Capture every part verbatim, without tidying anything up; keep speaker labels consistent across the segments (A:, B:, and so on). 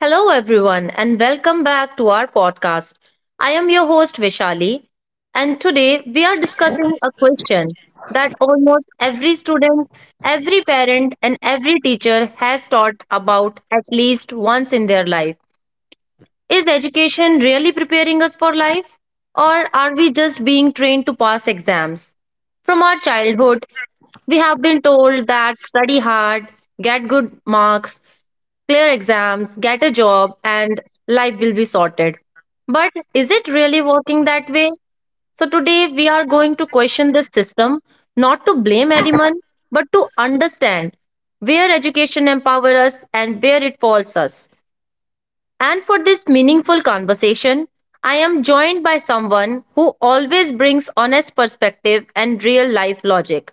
A: Hello, everyone, and welcome back to our podcast. I am your host, Vishali, and today we are discussing a question that almost every student, every parent, and every teacher has taught about at least once in their life. Is education really preparing us for life? Or are we just being trained to pass exams? From our childhood, we have been told that study hard, get good marks, clear exams, get a job, and life will be sorted. But is it really working that way? So, today we are going to question this system, not to blame anyone, but to understand where education empowers us and where it falls us. And for this meaningful conversation, I am joined by someone who always brings honest perspective and real life logic.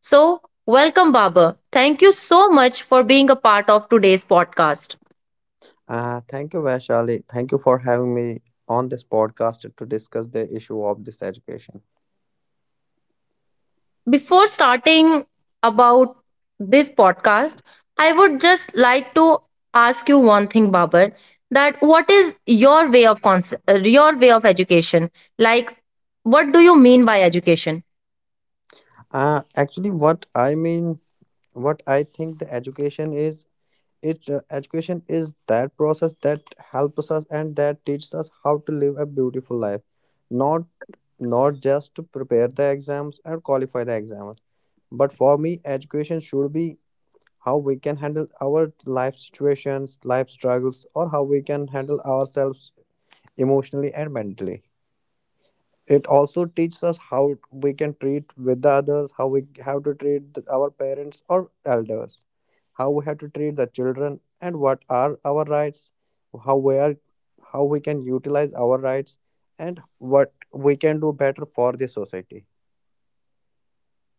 A: So, welcome, Baba. Thank you so much for being a part of today's podcast.
B: Uh, thank you, Vaishali. Thank you for having me on this podcast to discuss the issue of this education.
A: Before starting about this podcast, I would just like to ask you one thing, Babar, that what is your way of conce- uh, your way of education? Like, what do you mean by education?
B: Uh, actually, what I mean, what I think the education is, it uh, education is that process that helps us and that teaches us how to live a beautiful life, not not just to prepare the exams and qualify the exams. But for me, education should be how we can handle our life situations, life struggles, or how we can handle ourselves emotionally and mentally. It also teaches us how we can treat with the others, how we have to treat th- our parents or elders, how we have to treat the children and what are our rights, how we are, how we can utilize our rights, and what we can do better for the society.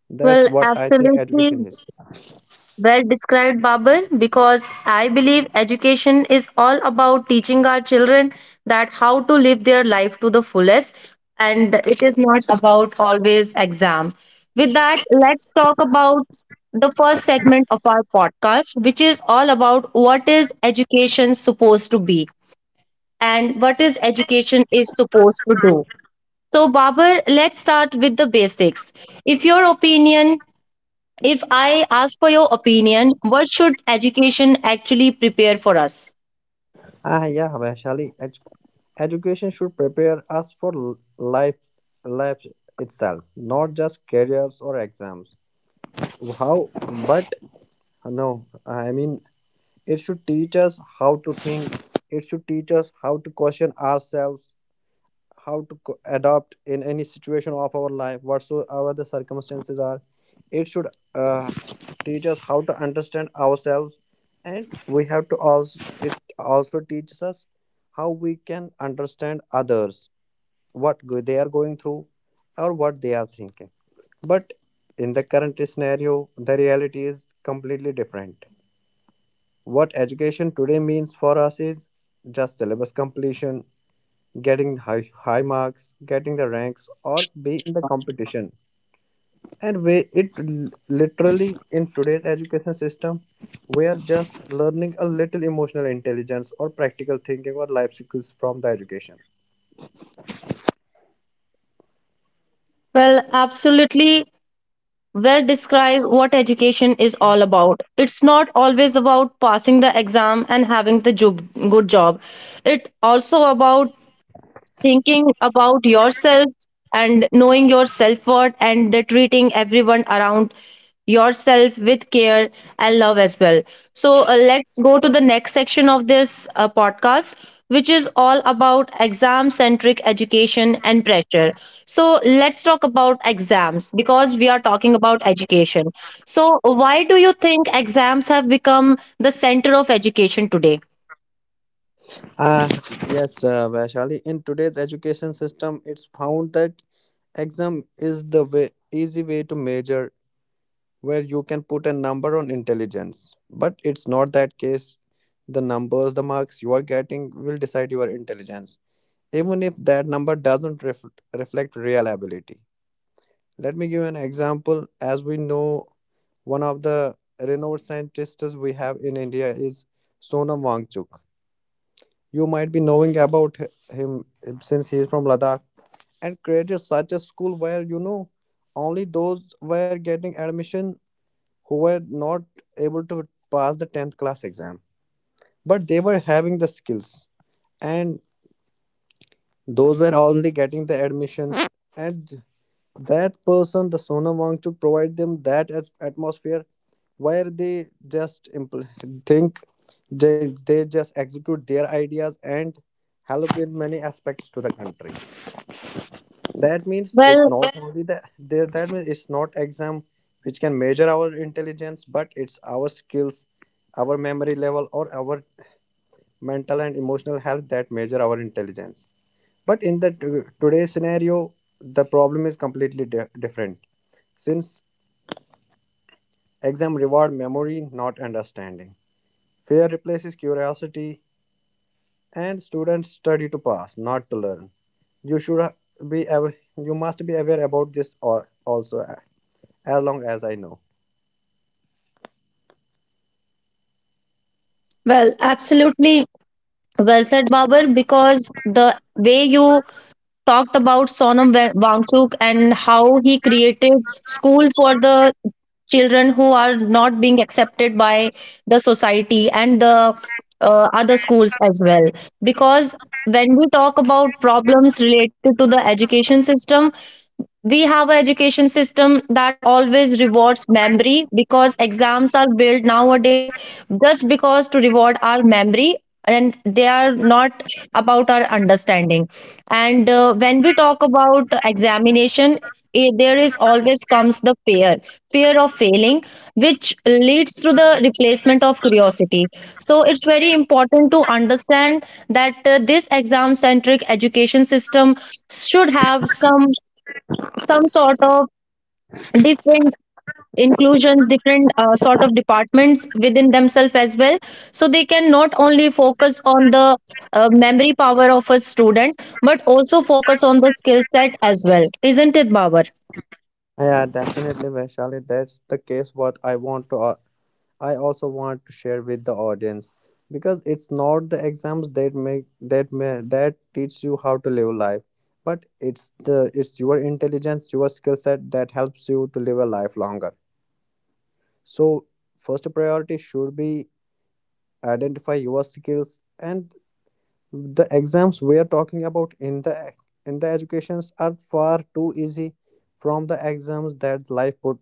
B: That's
A: Well,
B: what I think education
A: absolutely.
B: is.
A: Well described, Babur, because I believe education is all about teaching our children that how to live their life to the fullest, and it is not about always exam. With that, let's talk about the first segment of our podcast, which is all about what is education supposed to be and what is education is supposed to do. So, Babur, let's start with the basics. If your opinion if I ask for your opinion, what should education actually prepare for us?
B: Ah yeah Vaishali, edu- education should prepare us for l- life, life itself, not just careers or exams. How but Uh, No, I mean, it should teach us how to think. It should teach us how to question ourselves, how to co- adapt in any situation of our life, whatsoever the circumstances are. It should uh, teach us how to understand ourselves, and we have to also. It also teaches us how we can understand others, what go- they are going through, or what they are thinking. But in the current scenario, the reality is completely different. What education today means for us is just syllabus completion, getting high, high marks, getting the ranks, or be in the competition. And we, it l- literally in today's education system, we are just learning a little emotional intelligence or practical thinking or life skills from the education.
A: Well, absolutely well describe what education is all about. It's not always about passing the exam and having the job, good job. It also about thinking about yourself and knowing your self worth and the treating everyone around yourself with care and love as well. So, uh, let's go to the next section of this uh, podcast, which is all about exam centric education and pressure. So, let's talk about exams because we are talking about education. So, why do you think exams have become the center of education today?
B: Uh, yes, uh, Vaishali, in today's education system, it's found that exam is the way, easy way to measure, where you can put a number on intelligence. But it's not that case. The numbers, the marks you are getting will decide your intelligence, even if that number doesn't ref- reflect real ability. Let me give an example. As we know, one of the renowned scientists we have in India is Sonam Wangchuk. You might be knowing about h- him since he is from Ladakh and created such a school where, you know, only those were getting admission who were not able to pass the tenth class exam, but they were having the skills, and those were only getting the admissions, and that person, the Sona Wangchuk, provide them that at- atmosphere where they just impl- think, they, they just execute their ideas and help in many aspects to the country. That means it's
A: Well,
B: not only the the- that means it's not exam which can measure our intelligence, but it's our skills, our memory level, or our mental and emotional health that measure our intelligence. But in the t- today's scenario, the problem is completely di- different. Since exam reward memory, not understanding, fear replaces curiosity, and students study to pass, not to learn. You should uh, be aw- you must be aware about this, or also as long as I know.
A: well, absolutely. Well said, Babur, because the way you talked about Sonam Wa- Wangchuk and how he created school for the children who are not being accepted by the society and the uh, other schools as well. Because when we talk about problems related to the education system, we have an education system that always rewards memory because exams are built nowadays just because to reward our memory, and they are not about our understanding. And uh, when we talk about examination, eh, there is always comes the fear fear of failing, which leads to the replacement of curiosity. So it's very important to understand that uh, this exam centric education system should have some some sort of different inclusions, different uh, sort of departments within themselves as well, so they can not only focus on the uh, memory power of a student but also focus on the skill set as well, isn't it, Baba?
B: Yeah, definitely, Vaishali. That's the case. What I want to, uh, I also want to share with the audience, because it's not the exams that make that may that teach you how to live life, but it's the it's your intelligence, your skill set that helps you to live a life longer. So first priority should be identify your skills, and the exams we are talking about in the in the educations are far too easy from the exams that life put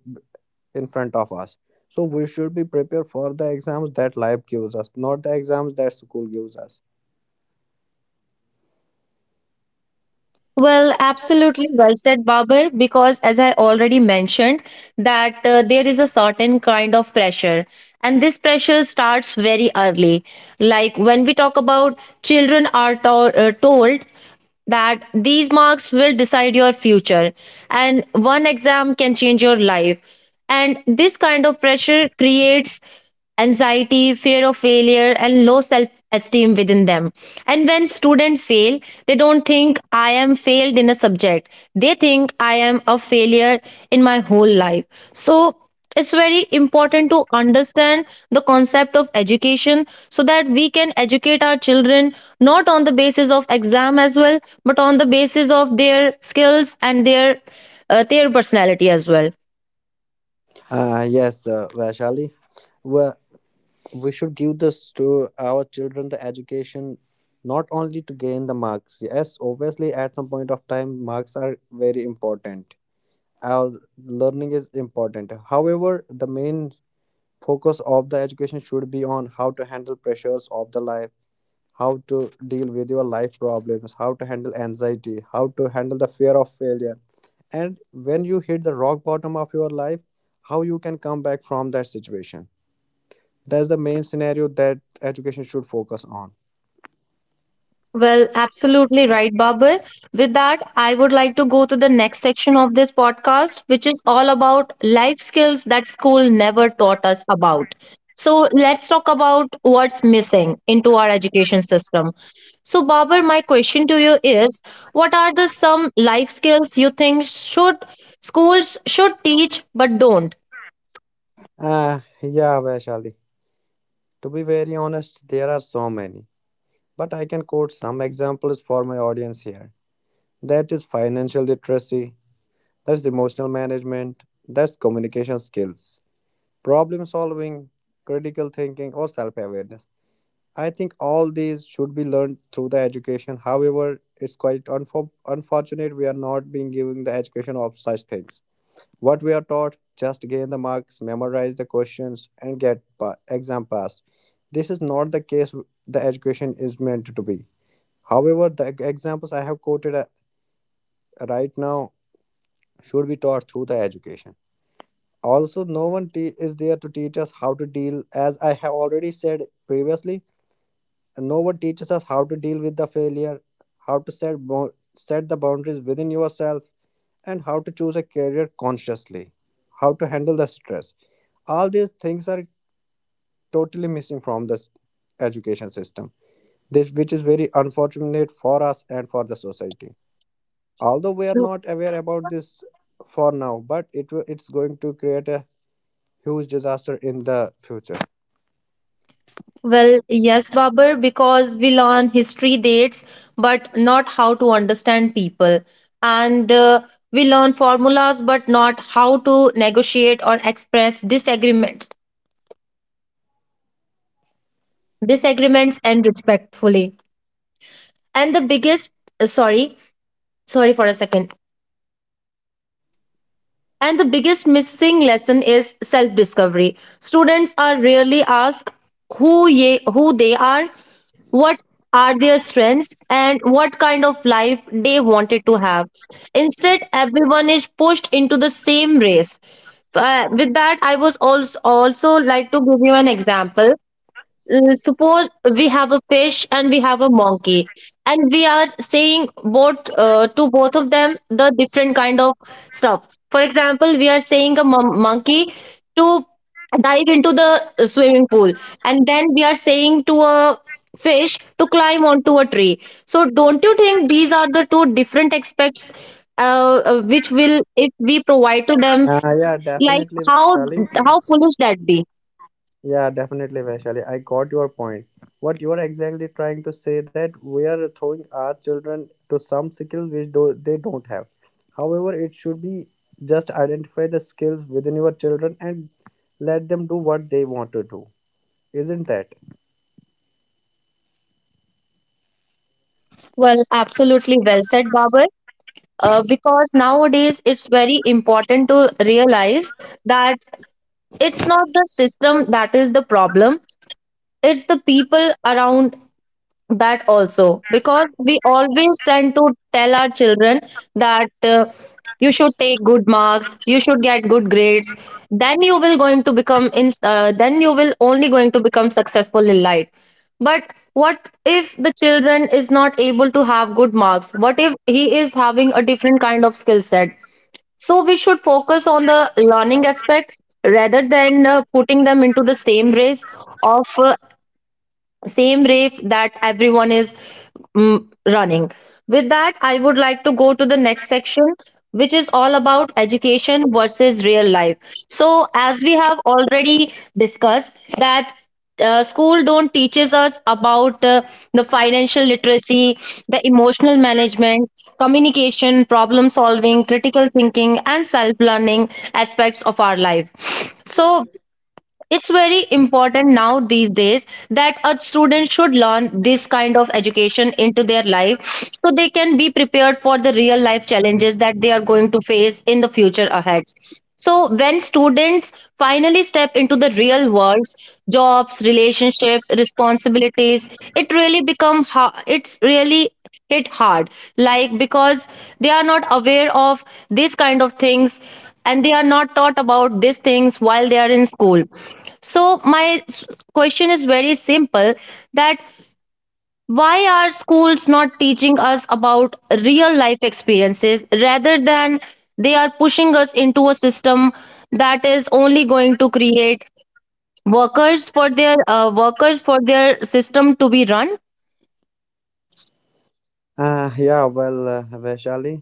B: in front of us. So we should be prepared for the exams that life gives us, not the exams that school gives us.
A: Well, absolutely well said, Babar, because as I already mentioned, that uh, there is a certain kind of pressure, and this pressure starts very early. Like when we talk about children are to- uh, told that these marks will decide your future, and one exam can change your life. And this kind of pressure creates anxiety, fear of failure, and low self esteem within them. And when students fail, they don't think I am failed in a subject. They think I am a failure in my whole life. So it's very important to understand the concept of education so that we can educate our children not on the basis of exam as well but on the basis of their skills and their uh, their personality as well.
B: uh, yes uh, Vaishali, well, we should give this to our children, the education, not only to gain the marks. Yes, obviously at some point of time marks are very important, our learning is important, however the main focus of the education should be on how to handle pressures of the life, how to deal with your life problems, how to handle anxiety, how to handle the fear of failure, and when you hit the rock bottom of your life, how you can come back from that situation. That's the main scenario that education should focus on.
A: Well, absolutely right, Babar. With that, I would like to go to the next section of this podcast, which is all about life skills that school never taught us about. So, let's talk about what's missing into our education system. So, Babar, my question to you is what are the some life skills you think should schools should teach but don't?
B: Uh, yeah Vaishali, to be very honest, there are so many, but I can quote some examples for my audience here. That is financial literacy, that's emotional management, that's communication skills, problem solving, critical thinking, or self awareness. I think all these should be learned through the education. However, it's quite unfor- unfortunate we are not being given the education of such things. What we are taught, just gain the marks, memorize the questions, and get pa- exam passed. This is not the case w- the education is meant to be. However, the e- examples I have quoted uh, right now should be taught through the education. Also, no one te- is there to teach us how to deal. As I have already said previously, no one teaches us how to deal with the failure, how to set bo- set the boundaries within yourself, and how to choose a career consciously, how to handle the stress. All these things are totally missing from this education system, this which is very unfortunate for us and for the society. Although we are not aware about this for now, but it will- it's going to create a huge disaster in the future.
A: Well, yes, Babar, because we learn history dates, but not how to understand people. And uh, we learn formulas, but not how to negotiate or express disagreements, disagreements and respectfully. And the biggest, uh, sorry, sorry for a second. And the biggest missing lesson is self discovery. Students are rarely asked who, ye, who they are, what are their strengths, and what kind of life they wanted to have. Instead, everyone is pushed into the same race. Uh, with that, I was also, also like to give you an example. Uh, suppose we have a fish and we have a monkey, and we are saying both uh, to both of them the different kind of stuff. For example, we are saying a mon- monkey to dive into the uh, swimming pool, and then we are saying to a fish to climb onto a tree. So don't you think these are the two different aspects, uh, uh, which will if we provide to them,
B: Uh, yeah,
A: like
B: definitely,
A: how
B: Vaishali.
A: how foolish that be?
B: Yeah, definitely, Vaishali. I got your point. What you are exactly trying to say, that we are throwing our children to some skills which do, they don't have. However, it should be just identify the skills within your children and let them do what they want to do. Isn't that?
A: Well, absolutely well said, Baba. Uh, because nowadays it's very important to realize that it's not the system that is the problem, it's the people around, that also, because we always tend to tell our children that uh, you should take good marks, you should get good grades, then you will going to become in uh, then you will only going to become successful in life. But what if the children is not able to have good marks, what if he is having a different kind of skill set? So we should focus on the learning aspect rather than uh, putting them into the same race of uh, same race that everyone is mm, running. With that, I would like to go to the next section, which is all about education versus real life. So, as we have already discussed, that uh, school don't teaches us about uh, the financial literacy, the emotional management, communication, problem solving, critical thinking, and self learning aspects of our life. So it's very important now these days that a student should learn this kind of education into their life so they can be prepared for the real life challenges that they are going to face in the future ahead. So when students finally step into the real worlds, jobs, relationship, responsibilities, it really become ha- it's really hit hard, like, because they are not aware of this kind of things, and they are not taught about these things while they are in school. So my s- question is very simple, that why are schools not teaching us about real life experiences rather than they are pushing us into a system that is only going to create workers for their uh, workers for their system to be run?
B: Uh, yeah, well, uh, Vaishali,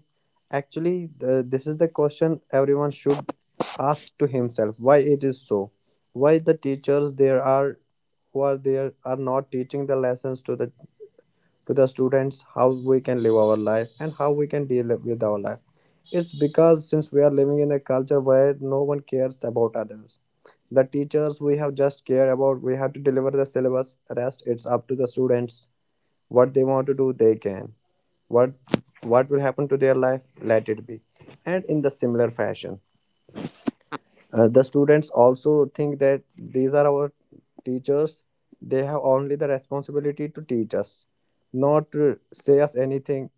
B: actually, the, this is the question everyone should asked to himself, why it is so, why the teachers there are who are there are not teaching the lessons to the to the students how we can live our life and how we can deal with our life. It's because since we are living in a culture where no one cares about others. The teachers we have just care about, we have to deliver the syllabus, rest it's up to the students. What they want to do they can, what what will happen to their life, let it be. And in the similar fashion, uh, the students also think that these are our teachers. They have only the responsibility to teach us, not to say us anything,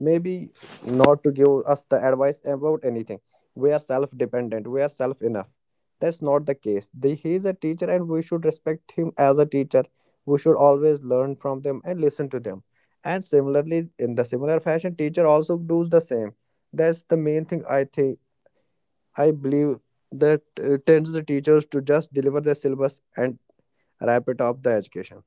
B: maybe not to give us the advice about anything. We are self dependent, we are self enough. That's not the case. The, he is a teacher and we should respect him as a teacher. We should always learn from them and listen to them. And similarly, in the similar fashion, teacher also does the same. That's the main thing I think, I believe that uh, tends the teachers to just deliver the syllabus and wrap it up the education.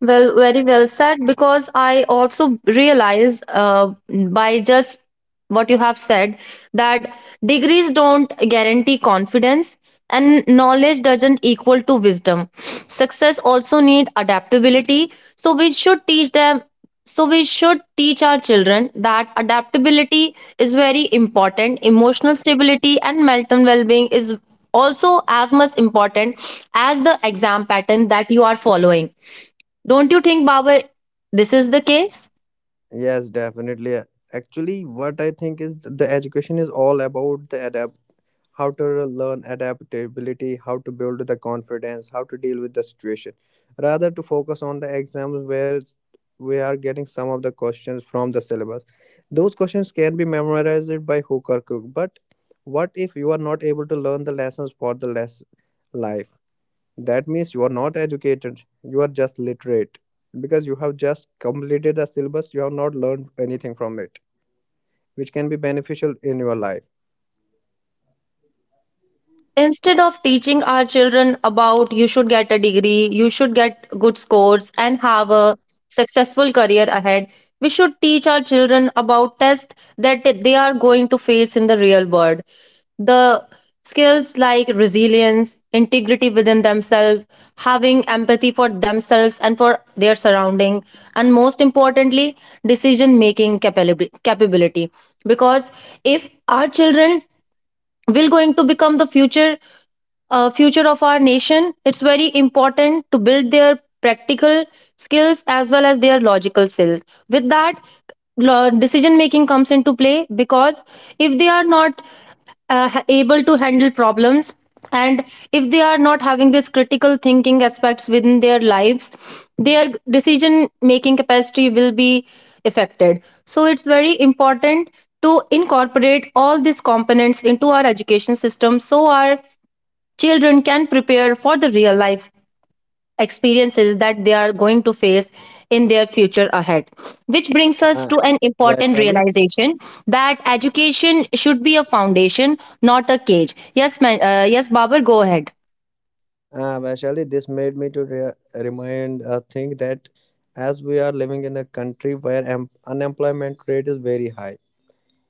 A: Well, very well said. Because I also realize uh, by just what you have said that degrees don't guarantee confidence and knowledge doesn't equal to wisdom, success also need adaptability. So we should teach them so we should teach our children that adaptability is very important, emotional stability and mental well-being is also as much important as the exam pattern that you are following, don't you think, Bawar, this is the case?
B: Yes, definitely. Actually, what I think is the education is all about the adapt, how to learn adaptability, how to build the confidence, how to deal with the situation, rather to focus on the exams where it's- we are getting some of the questions from the syllabus. Those questions can be memorized by hook or crook, but what if you are not able to learn the lessons for the less life? That means you are not educated, you are just literate. Because you have just completed the syllabus, you have not learned anything from it, which can be beneficial in your life.
A: Instead of teaching our children about you should get a degree, you should get good scores, and have a successful career ahead, we should teach our children about tests that they are going to face in the real world. The skills like resilience, integrity within themselves, having empathy for themselves and for their surrounding, and most importantly, decision making capability. Because if our children will going to become the future uh, future of our nation, it's very important to build their practical skills as well as their logical skills. With that, lo- decision making comes into play because if they are not uh, ha- able to handle problems, and if they are not having this critical thinking aspects within their lives, their decision making capacity will be affected. So it's very important to incorporate all these components into our education system so our children can prepare for the real life experiences that they are going to face in their future ahead. Which brings us
B: Uh,
A: to an important
B: Vaishali,
A: realization that education should be a foundation, not a cage. Yes, man, uh, yes, Babar, go ahead.
B: uh, Vaishali, this made me to re- remind a thing that as we are living in a country where em- unemployment rate is very high,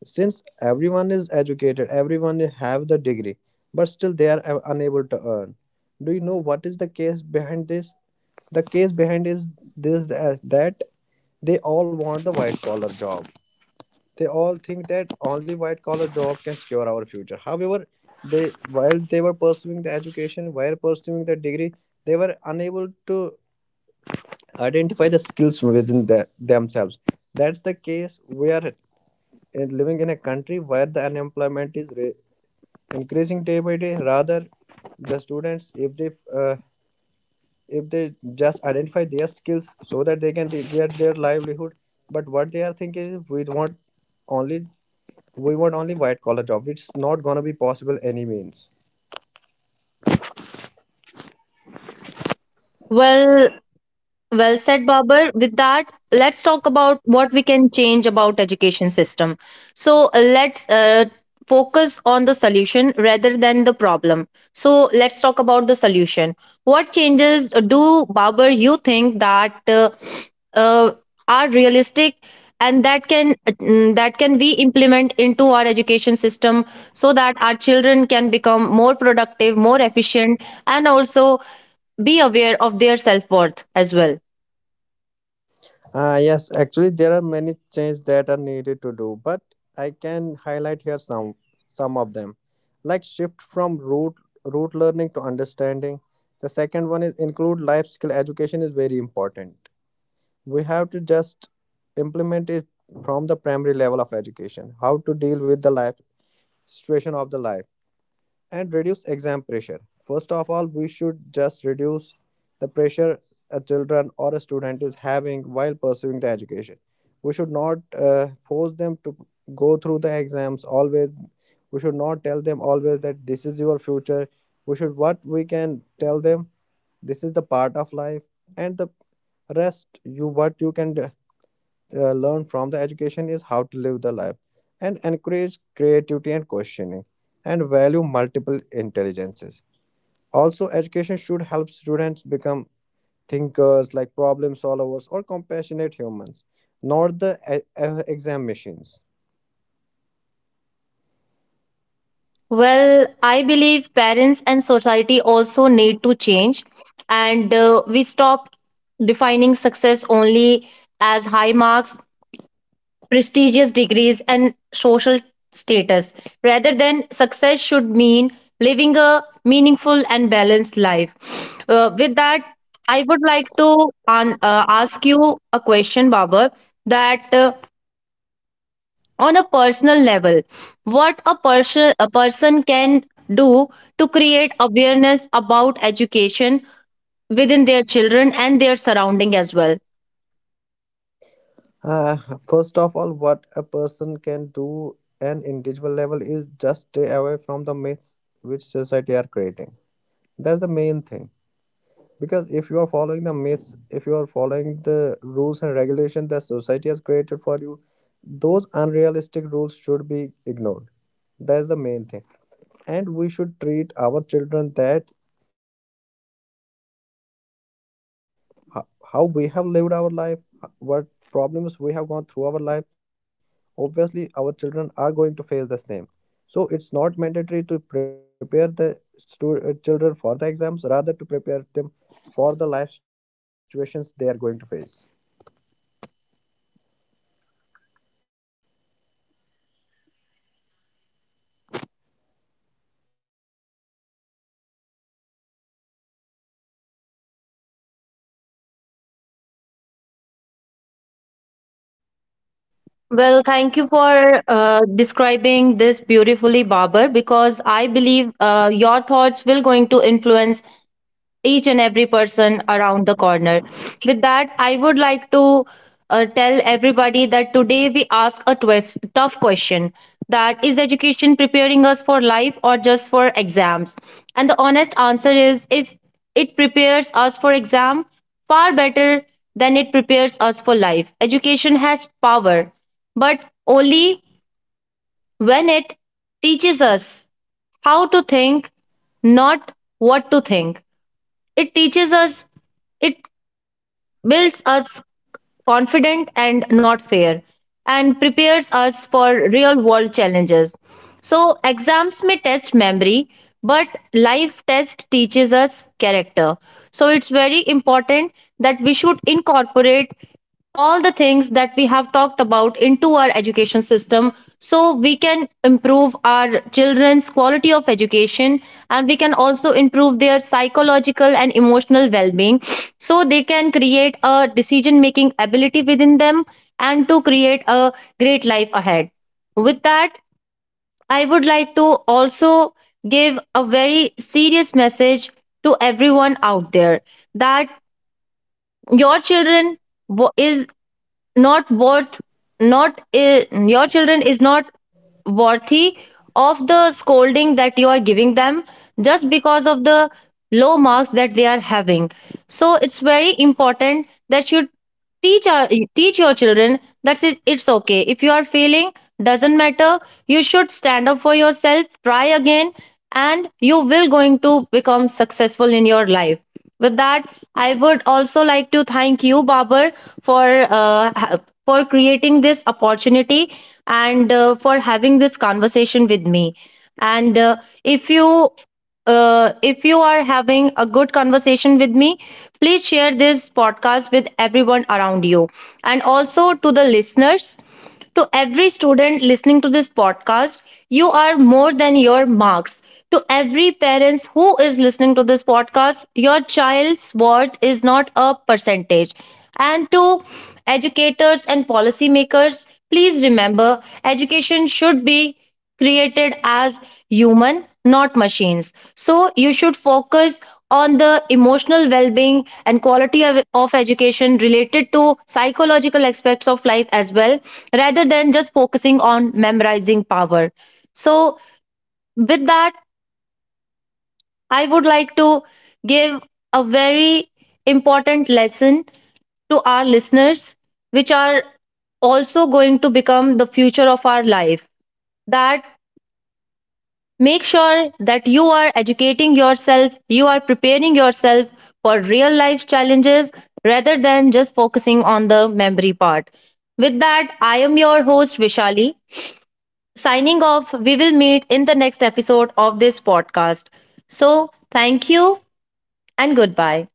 B: since everyone is educated, everyone have the degree, but still they are uh, unable to earn. Do you know what is the case behind this? The case behind is this uh, that they all want the white collar job. They all think that only white collar job can secure our future. However, they while they were pursuing the education, while pursuing the degree, they were unable to identify the skills within the, themselves. That's the case. We are uh, living in a country where the unemployment is re- increasing day by day. Rather, the students, if they uh, if they just identify their skills so that they can get their livelihood, but what they are thinking is we want only we want only white collar jobs. It's not gonna be possible any means.
A: Well, Well said, Babar. With that, let's talk about what we can change about education system. So uh, let's uh, focus on the solution rather than the problem. So let's talk about the solution. What changes do Babar you think that uh, uh, are realistic and that can mm, that can we implement into our education system so that our children can become more productive, more efficient, and also be aware of their self worth as well?
B: Uh, yes, actually there are many changes that are needed to do, but I can highlight here some some of them, like shift from root root learning to understanding. The second one is include life skill education is very important. We have to just implement it from the primary level of education. How to deal with the life situation of the life. And reduce exam pressure. First of all, we should just reduce the pressure a children or a student is having while pursuing the education. We should not uh, force them to go through the exams always. We should not tell them always that this is your future. We should, what we can tell them, this is the part of life, and the rest you what you can uh, learn from the education is how to live the life, and encourage creativity and questioning, and value multiple intelligences. Also, education should help students become thinkers like problem solvers or compassionate humans, not the e- e- exam machines.
A: Well, I believe parents and society also need to change, and uh, we stop defining success only as high marks, prestigious degrees, and social status. Rather than success should mean living a meaningful and balanced life. Uh, with that, I would like to an- uh, ask you a question, Babar. That uh, On a personal level, what a person a person can do to create awareness about education within their children and their surrounding as well.
B: uh, First of all, what a person can do an individual level is just stay away from the myths which society are creating. That's the main thing. Because if you are following the myths, if you are following the rules and regulations that society has created for you, those unrealistic rules should be ignored. That's the main thing. And we should treat our children that ho- how we have lived our life, h- what problems we have gone through our life, obviously our children are going to face the same. So it's not mandatory to prepare the stu- uh, children for the exams, rather to prepare them for the life situations they are going to face.
A: Well, thank you for uh, describing this beautifully, Babar. Because I believe uh, your thoughts will going to influence each and every person around the corner. With that, I would like to uh, tell everybody that today we ask a twif- tough question: that is education preparing us for life or just for exams? And the honest answer is, if it prepares us for exam, far better than it prepares us for life. Education has power, but only when it teaches us how to think, not what to think. It teaches us, it builds us confident and not fair, and prepares us for real world challenges. So, exams may test memory, but life test teaches us character. So, it's very important that we should incorporate all the things that we have talked about into our education system, so we can improve our children's quality of education, and we can also improve their psychological and emotional well-being, so they can create a decision making ability within them and to create a great life ahead. With that, I would like to also give a very serious message to everyone out there, that your children wo- is not worth not uh, your children is not worthy of the scolding that you are giving them just because of the low marks that they are having. So it's very important that you teach our, teach your children that it- it's okay if you are failing. Doesn't matter, you should stand up for yourself, try again, and you will going to become successful in your life. With that, I would also like to thank you, Babar, for uh, ha- for creating this opportunity, and uh, for having this conversation with me. And uh, if you uh, if you are having a good conversation with me, please share this podcast with everyone around you. And also to the
B: Yes,
A: listeners,
B: definitely.
A: to every student listening to this podcast, you are more than your marks. To every parents who is listening to this podcast, your child's worth is not a percentage. And to educators and policymakers, please remember, education should be created as human not machines, so you should focus on the emotional well-being and quality of, of education related to psychological aspects of life as well, rather than just focusing on memorizing power. So, with that, I would like to give a very important lesson to our listeners, which are also going to become the future of our life, that make sure that you are educating yourself, you are preparing yourself for real life challenges rather than just focusing on the memory part. With that, I am your host, Vishali. Signing off, we will meet in the next episode of this podcast. So, thank you and goodbye.